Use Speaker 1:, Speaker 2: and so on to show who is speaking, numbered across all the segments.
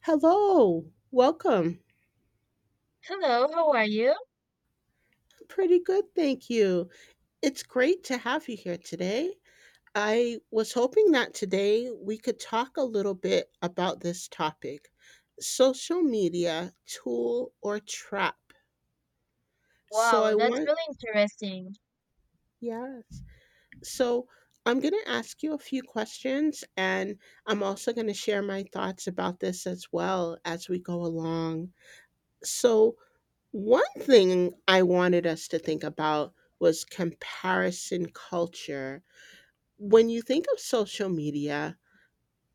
Speaker 1: Hello, welcome.
Speaker 2: Hello, how are you?
Speaker 1: Pretty good, thank you. It's great to have you here today. I was hoping that today we could talk a little bit about this topic, social media, tool or trap. So, I
Speaker 2: Wow, that's
Speaker 1: want,
Speaker 2: really interesting.
Speaker 1: yes. So, I'm going to ask you a few questions and I'm also going to share my thoughts about this as well as we go along. So, one thing I wanted us to think about was comparison culture. When you think of social media,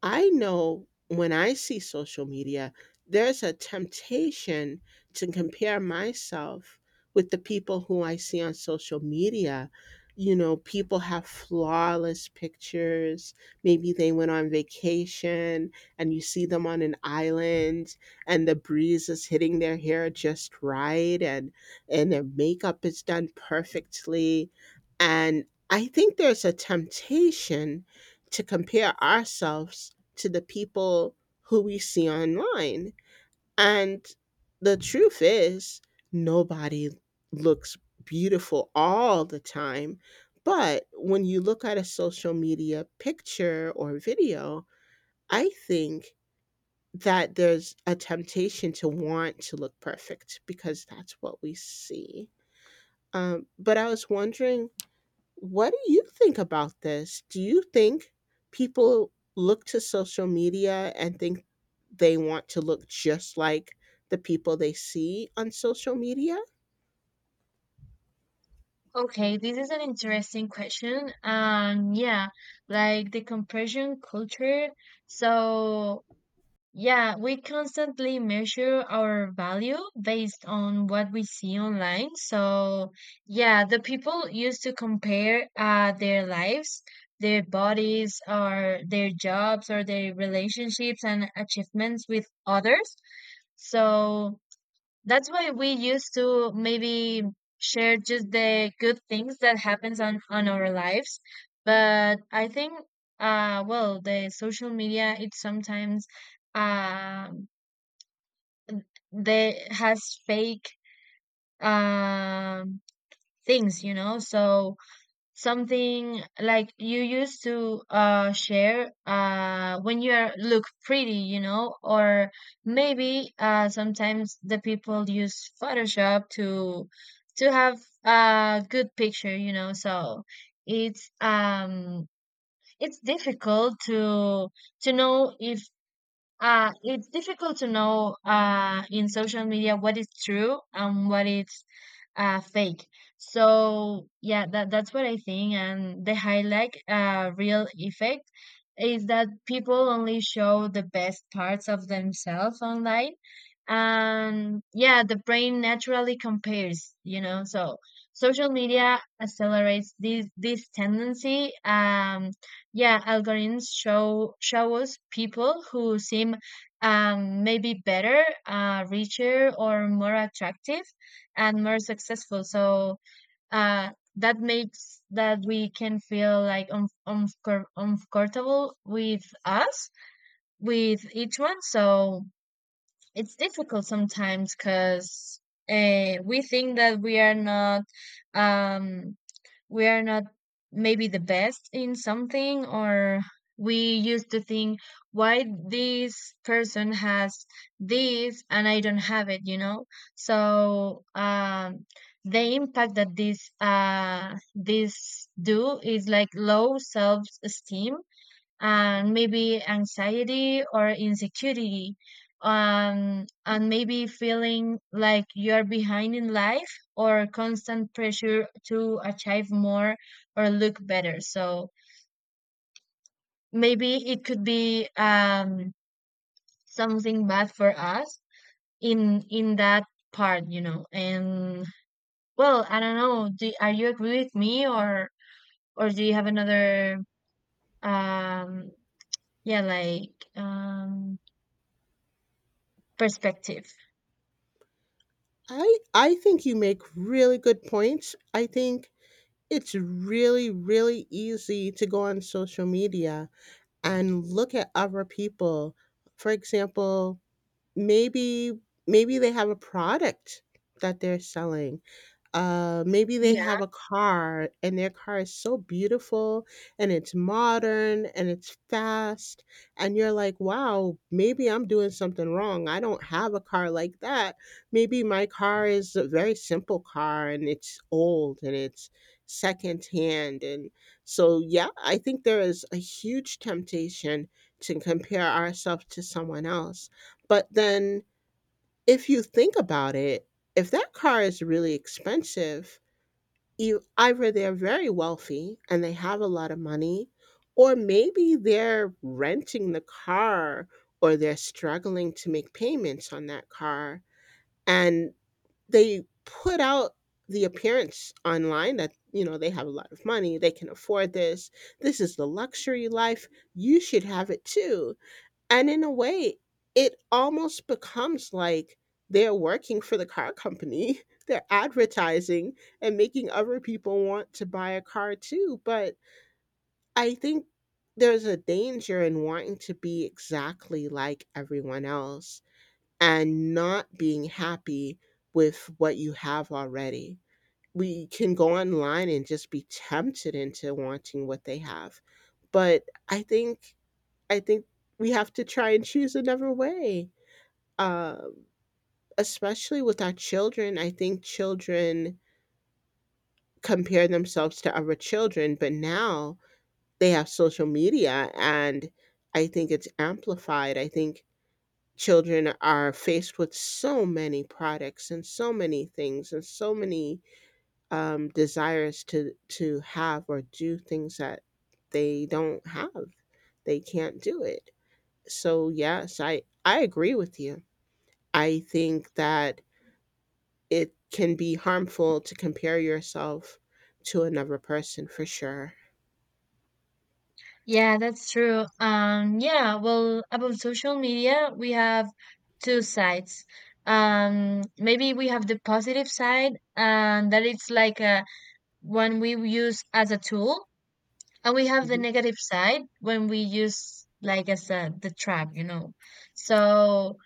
Speaker 1: I know when I see social media, there's a temptation to compare myself with the people who I see on social media. You know, people have flawless pictures. Maybe they went on vacation and you see them on an island and the breeze is hitting their hair just right and their makeup is done perfectly. And I think there's a temptation to compare ourselves to the people who we see online. And the truth is, nobody looks beautiful all the time. But when you look at a social media picture or video, I think that there's a temptation to want to look perfect because that's what we see. But I was wondering, what do you think about this? Do you think people look to social media and think they want to look just like the people they see on social media?
Speaker 2: Okay, this is an interesting question. Yeah, like the compression culture. So, yeah, we constantly measure our value based on what we see online. The people used to compare their lives, their bodies, or their jobs, or their relationships and achievements with others. So, that's why we used to maybe share just the good things that happens on our lives. But I think well, the social media, it sometimes um they has fake um things, you know. So something like you used to share when you are look pretty, you know, or maybe sometimes the people use photoshop to have a good picture, you know. So it's um it's difficult to know if it's difficult to know in social media what is true and what is fake. So yeah, that's what I think. And the highlight real effect is that people only show the best parts of themselves online. And yeah, the brain naturally compares, you know. So social media accelerates this tendency. Yeah, algorithms show us people who seem maybe better, richer, or more attractive, and more successful. So uh, that makes that we can feel like uncomfortable with us, with each one. So it's difficult sometimes because we think that we are not. Um, we are not maybe the best in something, or we used to think why this person has this and I don't have it, you know. So the impact that this this do is like low self esteem and maybe anxiety or insecurity, and maybe feeling like you're behind in life or constant pressure to achieve more or look better. So maybe it could be something bad for us in that part, you know. And well, I don't know, are you agree with me, or do you have another um yeah, like perspective?
Speaker 1: I think you make really good points. I think it's really really easy to go on social media and look at other people. For example, maybe maybe they have a product that they're selling. Maybe they have a car and their car is so beautiful and it's modern and it's fast. And you're like, wow, maybe I'm doing something wrong. I don't have a car like that. Maybe my car is a very simple car and it's old and it's secondhand. And so, yeah, I think there is a huge temptation to compare ourselves to someone else. But then, if you think about it, if that car is really expensive, you either, they're very wealthy and they have a lot of money, or maybe they're renting the car, or they're struggling to make payments on that car and they put out the appearance online that, you know, they have a lot of money, they can afford this, this is the luxury life, you should have it too. And in a way, it almost becomes like they're working for the car company. They're advertising and making other people want to buy a car too. But I think there's a danger in wanting to be exactly like everyone else and not being happy with what you have already. We can go online and just be tempted into wanting what they have. But I think I think we have to try and choose another way. Um, Especially with our children, I think children compare themselves to other children, but now they have social media and I think it's amplified. I think children are faced with so many products and so many things and so many desires to have or do things that they don't have. They can't do it. So yes, I agree with you. I think that it can be harmful to compare yourself to another person for sure.
Speaker 2: Yeah, that's true. Yeah, well, about social media, we have two sides. Maybe we have the positive side, and that it's like a, when we use as a tool, and we have the
Speaker 1: Mhm.
Speaker 2: negative side when we use like as a the trap, you know. So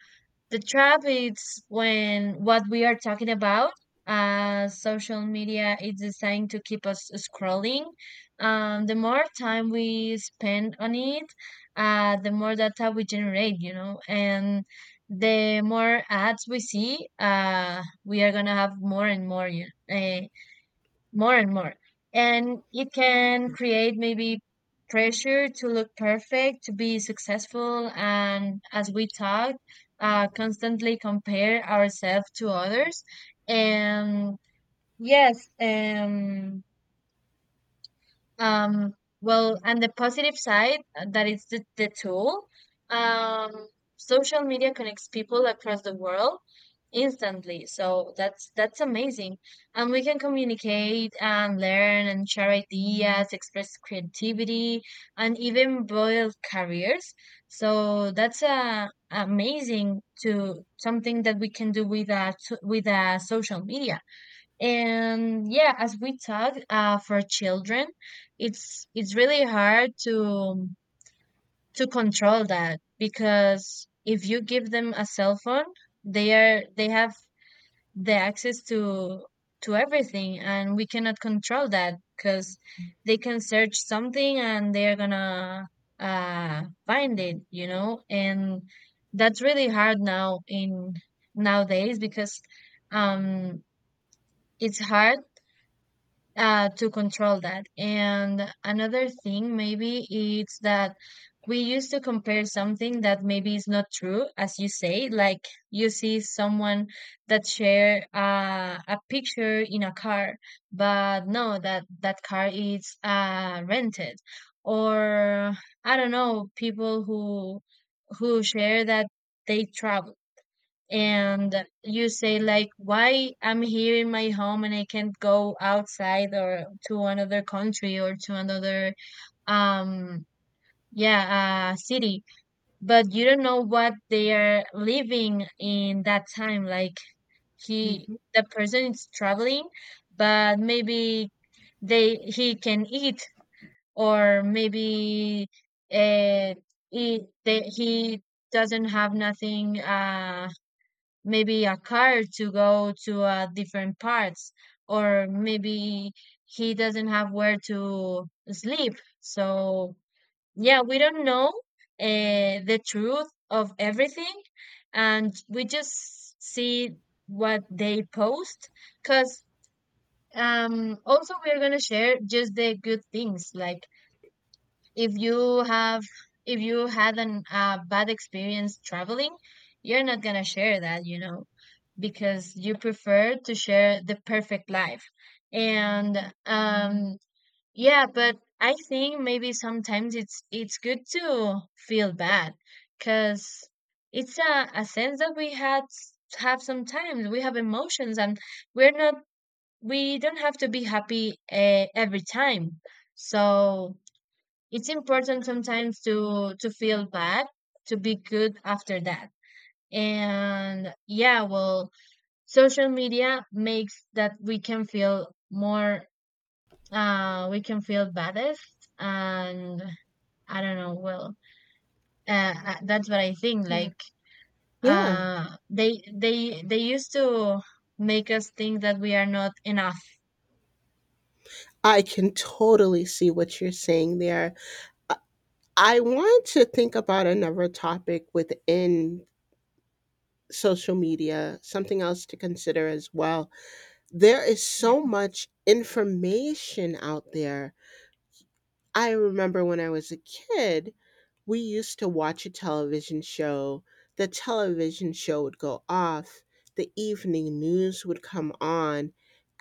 Speaker 2: the trap is when what we are talking about, social media is designed to keep us scrolling. The more time we spend on it, the more data we generate, you know, and the more ads we see, we are gonna have more and more, you more and more. And it can
Speaker 1: Yeah.
Speaker 2: create maybe pressure to look perfect, to be successful. And as we talked, constantly compare ourselves to others. And yes, um, well, and the positive side, that is the tool. Um, social media connects people across the world instantly. So that's amazing. And we can communicate and learn and share ideas, express creativity, and even build careers. So that's amazing to something that we can do with a social media. And yeah, as we talked, for children, it's really hard to control that, because if you give them a cell phone, they have the access to everything, and we cannot control that because they can search something and they are gonna find it, you know. And that's really hard now in nowadays because um it's hard to control that. And another thing, maybe it's that we used to compare something that maybe is not true, as you say, like you see someone that share a picture in a car, but no, that car is rented, or I don't know, people who share that they travel, and you say like, why I'm here in my home and I can't go outside or to another country or to another um yeah city. But you don't know what they are living in that time. Like he
Speaker 1: Mhm.
Speaker 2: the person is traveling, but maybe they he can eat, or maybe uh, he doesn't have nothing, maybe a car to go to different parts, or maybe he doesn't have where to sleep. So yeah, we don't know the truth of everything, and we just see what they post, because also we're gonna share just the good things. Like if you have if you had an bad experience traveling, you're not gonna share that, you know, because you prefer to share the perfect life. And um yeah, but I think maybe sometimes it's good to feel bad, because it's a sense that we had have. Sometimes we have emotions, and we're not we don't have to be happy every time. So it's important sometimes to feel bad to be good after that. And yeah, well, social media makes that we can feel more we can feel baddest, and I don't know. Well, that's what I think.
Speaker 1: Yeah.
Speaker 2: Like
Speaker 1: Yeah.
Speaker 2: they used to make us think that we are not enough.
Speaker 1: I can totally see what you're saying there. I I want to think about another topic within social media, something else to consider as well. There is so
Speaker 2: Yeah.
Speaker 1: much information out there. I remember when I was a kid, we used to watch a television show. The television show would go off, the evening news would come on,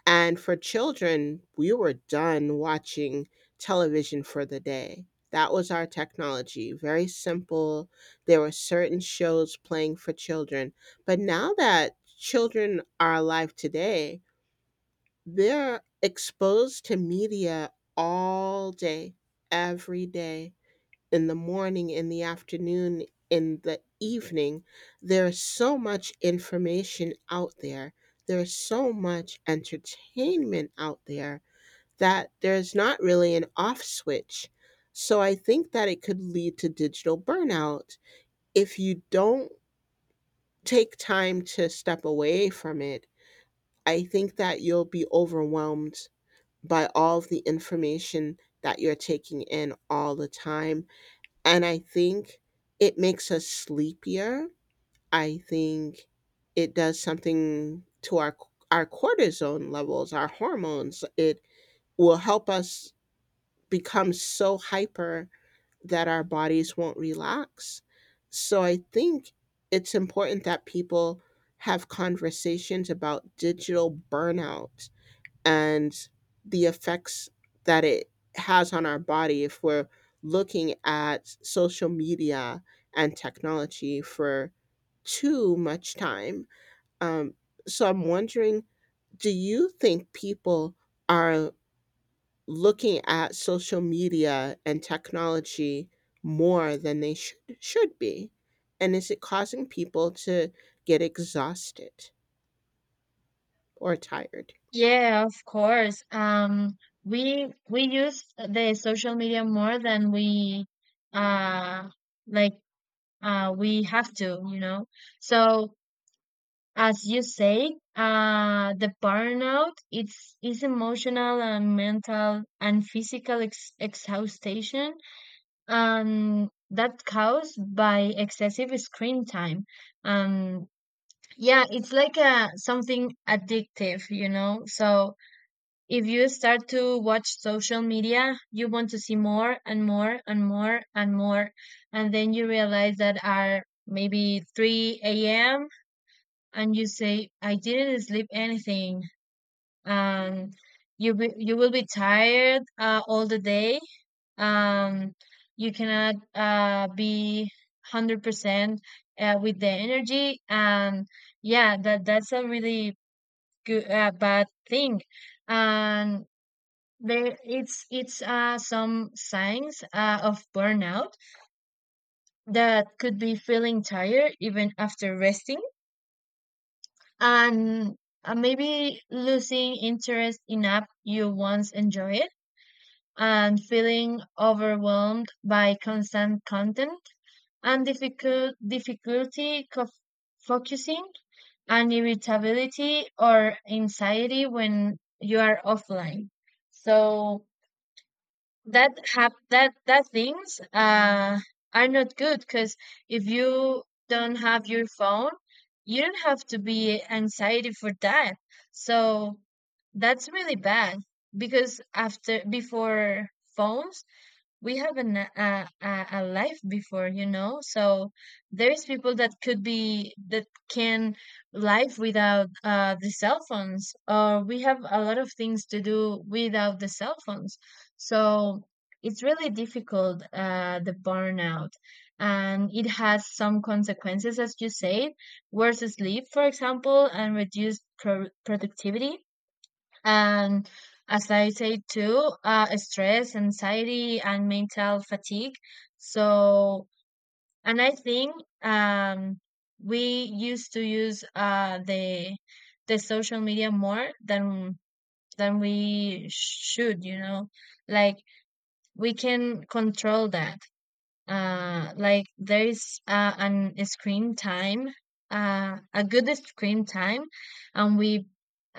Speaker 1: and for children, we were done watching television for the day. That was our technology, very simple. There were certain shows playing for children. But now that children are alive today, they're exposed to media all day, every day, in the morning, in the afternoon, in the evening. There's so much information out there. There's so much entertainment out there that there's not really an off switch. So I think that it could lead to digital burnout if you don't take time to step away from it. I think that you'll be overwhelmed by all of the information that you're taking in all the time. And I think it makes us sleepier. I think it does something to our cortisone levels, our hormones. It will help us become so hyper that our bodies won't relax. So I think it's important that people have conversations about digital burnout and the effects that it has on our body if we're looking at social media and technology for too much time. Um, so I'm wondering, do you think people are looking at social media and technology more than they should be, and is it causing people to get exhausted or tired?
Speaker 2: Yeah, of course. We use the social media more than we uh like we have to, you know. So as you say, the burnout, it's is emotional and mental and physical exhaustion, and that caused by excessive screen time. Um, yeah, it's like a something addictive, you know. So if you start to watch social media, you want to see more and more and more and more, and then you realize that are maybe 3 a.m, and you say, "I didn't sleep anything," and you will be tired all the day. Um, you cannot be 100% with the energy. And yeah, that's a really good bad thing. And there, it's some signs of burnout that could be feeling tired even after resting, and maybe losing interest in app you once enjoyed, and feeling overwhelmed by constant content, and difficulty focusing, and irritability or anxiety when you are offline. So that hap that that things are not good, because if you don't have your phone, you don't have to be anxiety for that. So that's really bad, because after before phones we have an, a life before, you know. So there's people that could be that can live without the cell phones, or we have a lot of things to do without the cell phones. So it's really difficult the burnout, and it has some consequences as you said, worse sleep for example, and reduced productivity, and as I say too, stress, anxiety, and mental fatigue. So, and I think um, we used to use the social media more than we should. You know, like we can control that. Like there is an screen time, a good screen time, and we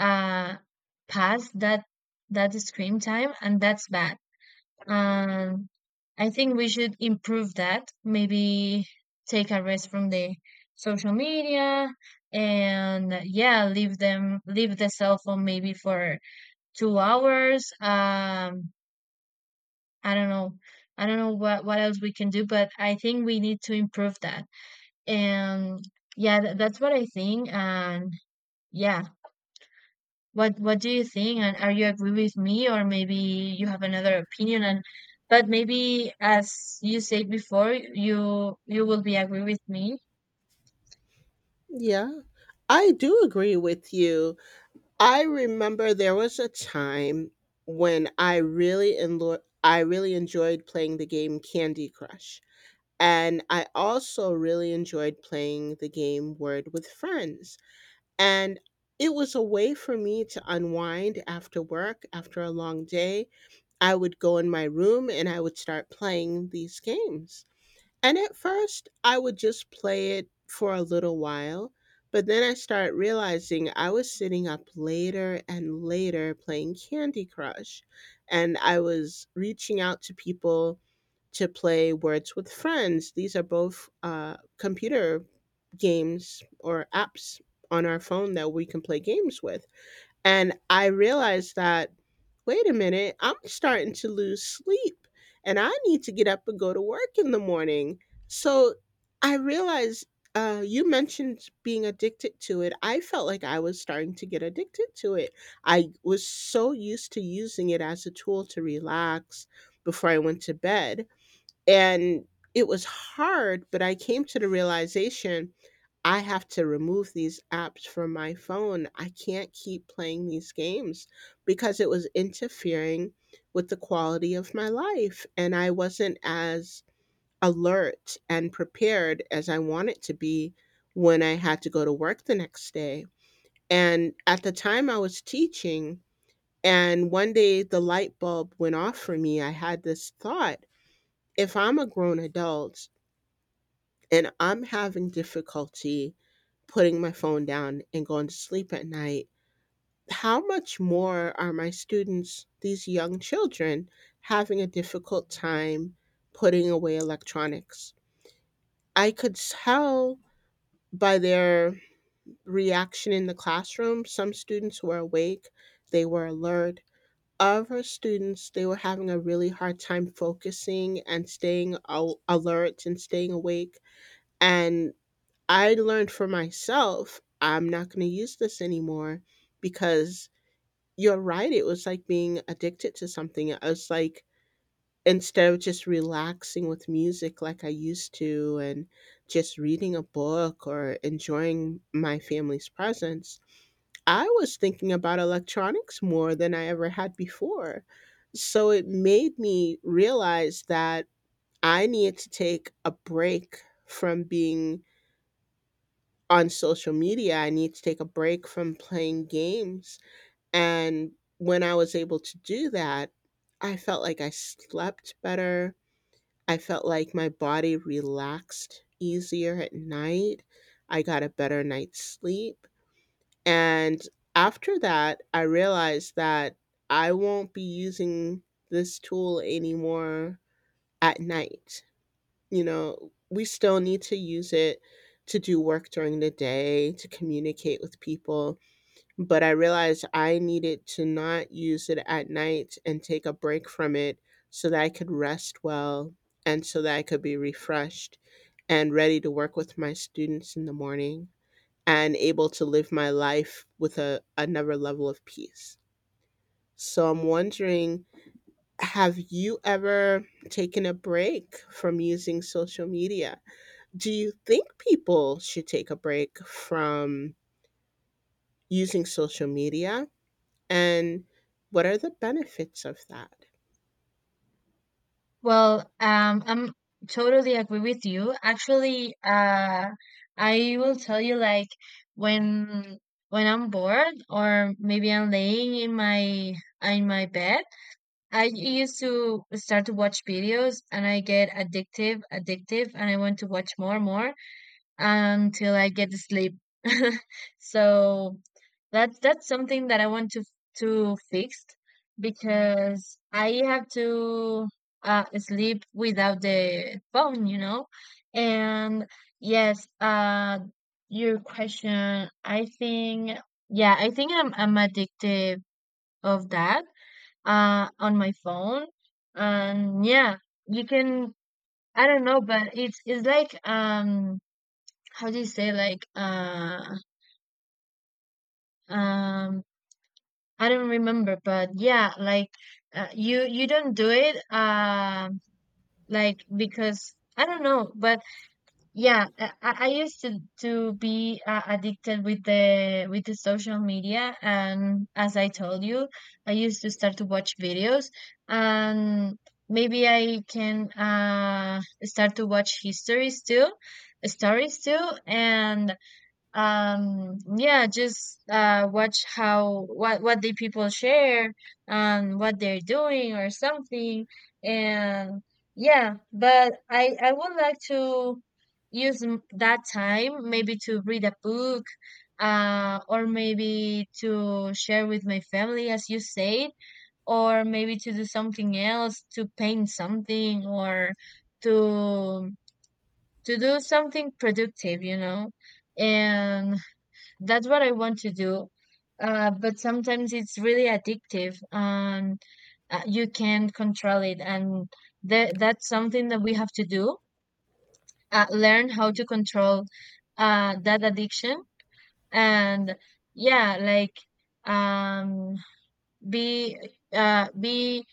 Speaker 2: uh pass that screen time, and that's bad. um I think we should improve that, maybe take a rest from the social media, and yeah, leave the cell phone maybe for 2 hours. I don't know. I don't know what else we can do, but I think we need to improve that. And yeah, that's what I think. And yeah, what do you think? And are you agree with me, or maybe you have another opinion? And but maybe as you said before, you will be agree with me.
Speaker 1: Yeah, I do agree with you. I remember there was a time when I really enlo I really enjoyed playing the game Candy Crush, and I also really enjoyed playing the game Word with Friends, and it was a way for me to unwind after work, after a long day. I would go in my room and I would start playing these games. And at first, I would just play it for a little while, but then I started realizing I was sitting up later and later playing Candy Crush, and I was reaching out to people to play Words with Friends. These are both computer games or apps on our phone that we can play games with. And I realized that, wait a minute, I'm starting to lose sleep and I need to get up and go to work in the morning. So I realized, you mentioned being addicted to it. I felt like I was starting to get addicted to it. I was so used to using it as a tool to relax before I went to bed. And it was hard, but I came to the realization I have to remove these apps from my phone. I can't keep playing these games because it was interfering with the quality of my life. And I wasn't as alert and prepared as I wanted to be when I had to go to work the next day. And at the time, I was teaching. And one day the light bulb went off for me. I had this thought, if I'm a grown adult and I'm having difficulty putting my phone down and going to sleep at night, how much more are my students, these young children, having a difficult time putting away electronics? I could tell by their reaction in the classroom. Some students were awake, they were alert. Other students, they were having a really hard time focusing and staying alert and staying awake. And I learned for myself, I'm not gonna use this anymore because you're right, it was like being addicted to something. I was like, instead of just relaxing with music like I used to and just reading a book or enjoying my family's presence, I was thinking about electronics more than I ever had before. So it made me realize that I need to take a break from being on social media, I need to take a break from playing games. And when I was able to do that, I felt like I slept better. I felt like my body relaxed easier at night. I got a better night's sleep. And after that, I realized that I won't be using this tool anymore at night. You know, we still need to use it to do work during the day, to communicate with people. But I realized I needed to not use it at night and take a break from it so that I could rest well and so that I could be refreshed and ready to work with my students in the morning and able to live my life with a, another level of peace. So I'm wondering, have you ever taken a break from using social media? Do you think people should take a break from using social media, and what are the benefits of that?
Speaker 2: Well, I'm totally agree with you. Actually, I will tell you like when when I'm bored or maybe I'm laying in my bed, I used to start to watch videos and I get addictive, and I want to watch more, more until I get to sleep. So that's something that I want to fix, because I have to sleep without the phone, you know. And yes, your question. I think yeah, I think I'm addicted of that on my phone. And yeah, you can I don't know, but it's like how do you say like um I don't remember, but yeah, like you you don't do it like because I don't know, but yeah, I used to be addicted with the social media, and as I told you, I used to start to watch videos, and maybe I can start to watch histories too, stories too, and yeah, just watch how what the people share and what they're doing or something. And yeah, but I would like to use that time maybe to read a book, or maybe to share with my family, as you said, or maybe to do something else, to paint something, or to to do something productive, you know. And that's what I want to do. But sometimes it's really addictive and you can't control it. And that's something that we have to do. Learn how to control that addiction. And yeah, like um, be be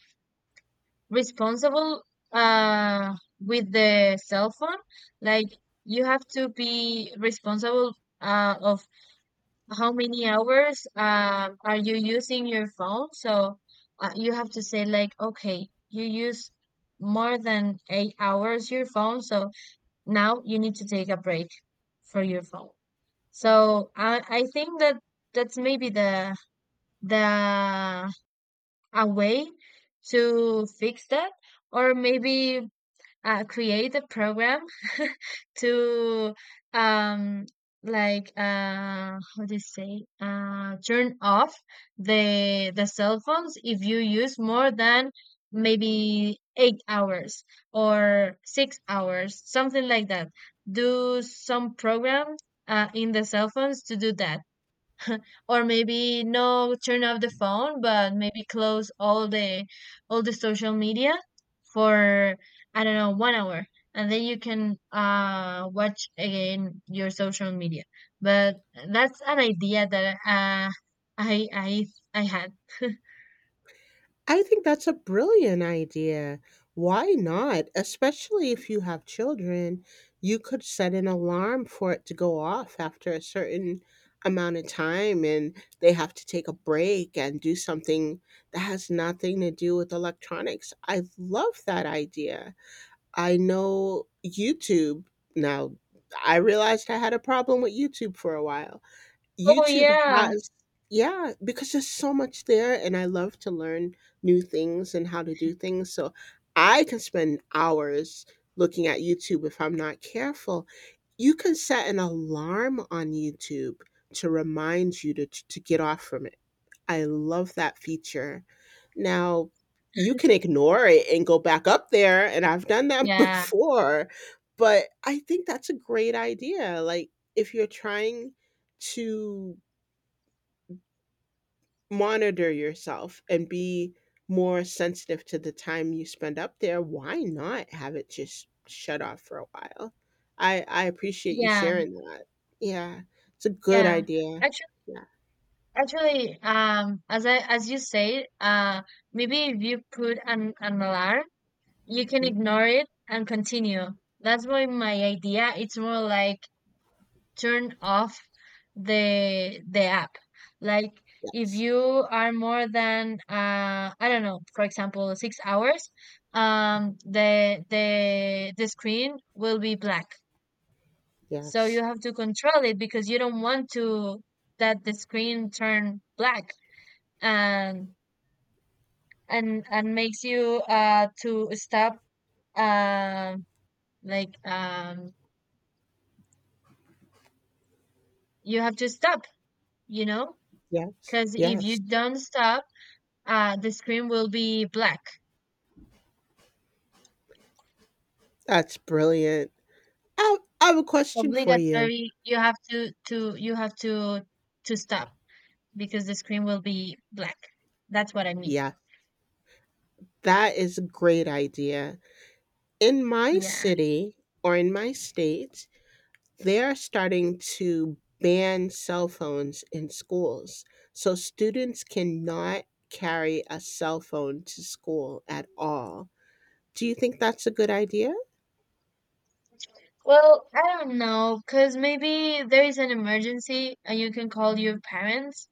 Speaker 2: responsible with the cell phone. Like, you have to be responsible of how many hours are you using your phone? So you have to say like, okay, you use more than 8 hours your phone, so now you need to take a break for your phone. So I think that that's maybe the a way to fix that, or maybe create a program to um how do you say, turn off the cell phones if you use more than maybe 8 hours or 6 hours, something like that. Do some program in the cell phones to do that, or maybe no, turn off the phone, but maybe close all the social media for I don't know, one hour, and then you can watch again your social media. But that's an idea that i i I had.
Speaker 1: I think that's a brilliant idea. Why not? Especially if you have children, you could set an alarm for it to go off after a certain amount of time and they have to take a break and do something that has nothing to do with electronics. I love that idea. I know YouTube now, I realized I had a problem with YouTube for a while.
Speaker 2: Oh
Speaker 1: YouTube
Speaker 2: yeah.
Speaker 1: has, yeah, because there's so much there and I love to learn new things and how to do things. So I can spend hours looking at YouTube if I'm not careful. You can set an alarm on YouTube to remind you to get off from it. I love that feature. Now, you can ignore it and go back up there, and I've done that
Speaker 2: Yeah,
Speaker 1: before, but I think that's a great idea. Like, if you're trying to monitor yourself and be more sensitive to the time you spend up there, why not have it just shut off for a while? I appreciate you
Speaker 2: yeah,
Speaker 1: sharing that. Yeah, it's a good
Speaker 2: yeah.
Speaker 1: idea.
Speaker 2: Actually,
Speaker 1: Yeah.
Speaker 2: actually, as I as you said, maybe if you put an alarm, you can
Speaker 1: Mhm.
Speaker 2: ignore it and continue. That's why my idea it's more like turn off the app. Like, if
Speaker 1: Yes.
Speaker 2: you are more than I don't know, for example, 6 hours, the screen will be black. So you
Speaker 1: Yes.
Speaker 2: have to control it because you don't want to that the screen turn black and and makes you to stop um like um you have to stop, you know,
Speaker 1: Yes.
Speaker 2: because if you
Speaker 1: Yes.
Speaker 2: don't stop, the screen will be black.
Speaker 1: That's brilliant. I have a question for you.
Speaker 2: Obligatory, you have to you have to stop because the screen will be black. That's what I mean.
Speaker 1: Yeah, that is a great idea. In my
Speaker 2: Yeah.
Speaker 1: city or in my state, they're starting to ban cell phones in schools. So students cannot carry a cell phone to school at all. Do you think that's a good idea?
Speaker 2: Well, I don't know, because maybe there is an emergency and you can call your parents.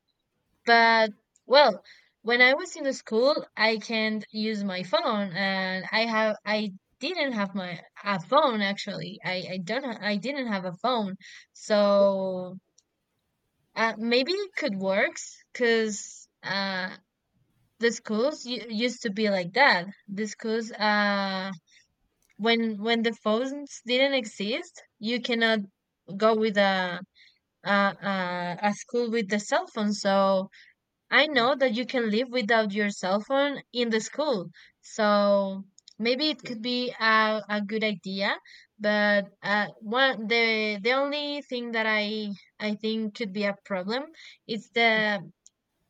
Speaker 2: But well, when I was in school, I can't use my phone, and I didn't have my a phone, actually. I don't ha- I didn't have a phone, so maybe it could work, because the schools used to be like that. The schools when the phones didn't exist, you cannot go with a a school with the cell phone, so. I know that you can live without your cell phone in the school, so maybe it
Speaker 1: Yeah.
Speaker 2: could be a good idea. But one the only thing that I think could be a problem is the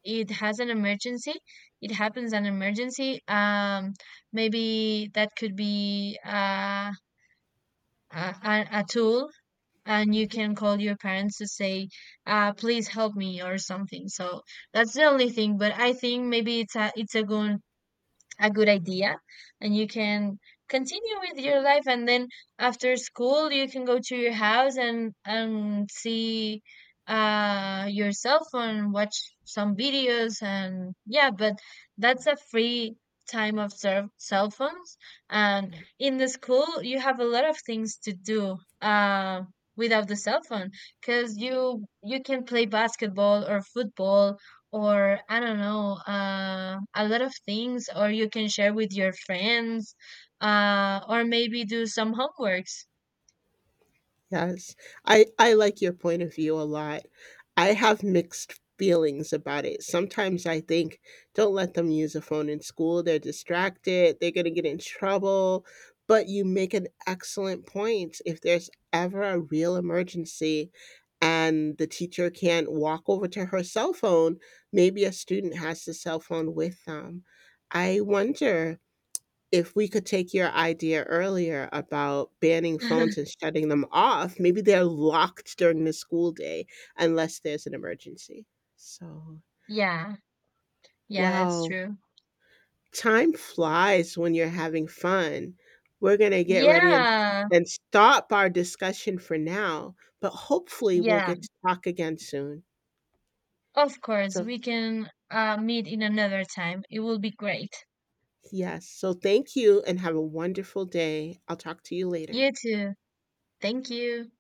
Speaker 2: it has an emergency. It happens an emergency. Maybe that could be a tool, and you
Speaker 1: Hmm.
Speaker 2: can call your parents to say please help me or something. So that's the only thing, but I think maybe it's a good idea, and you can continue with your life, and then after school you can go to your house and see your cell phone, watch some videos, and yeah, but that's a free time of cell cell phones. And in the school you have a lot of things to do without the cell phone, because you can play basketball or football, or I don't know, a lot of things, or you can share with your friends, or maybe do some homeworks.
Speaker 1: Yes. I like your point of view a lot. I have mixed feelings about it. Sometimes I think, don't let them use a phone in school. They're distracted. They're going to get in trouble. But you make an excellent point. If there's ever a real emergency and the teacher can't walk over to her cell phone, maybe a student has the cell phone with them. I wonder if we could take your idea earlier about banning phones and shutting them off, maybe they're locked during the school day unless there's an emergency. So,
Speaker 2: Yeah, yeah, that's
Speaker 1: wow,
Speaker 2: true.
Speaker 1: time flies when you're having fun. We're going to get ready and
Speaker 2: Yeah,
Speaker 1: stop our discussion for now, but hopefully we'll
Speaker 2: yeah,
Speaker 1: get to talk again soon.
Speaker 2: of course,
Speaker 1: So,
Speaker 2: we can meet in another time. It will be great.
Speaker 1: yes. So, thank you and have a wonderful day. I'll talk to you
Speaker 2: You
Speaker 1: later.
Speaker 2: too. Thank you.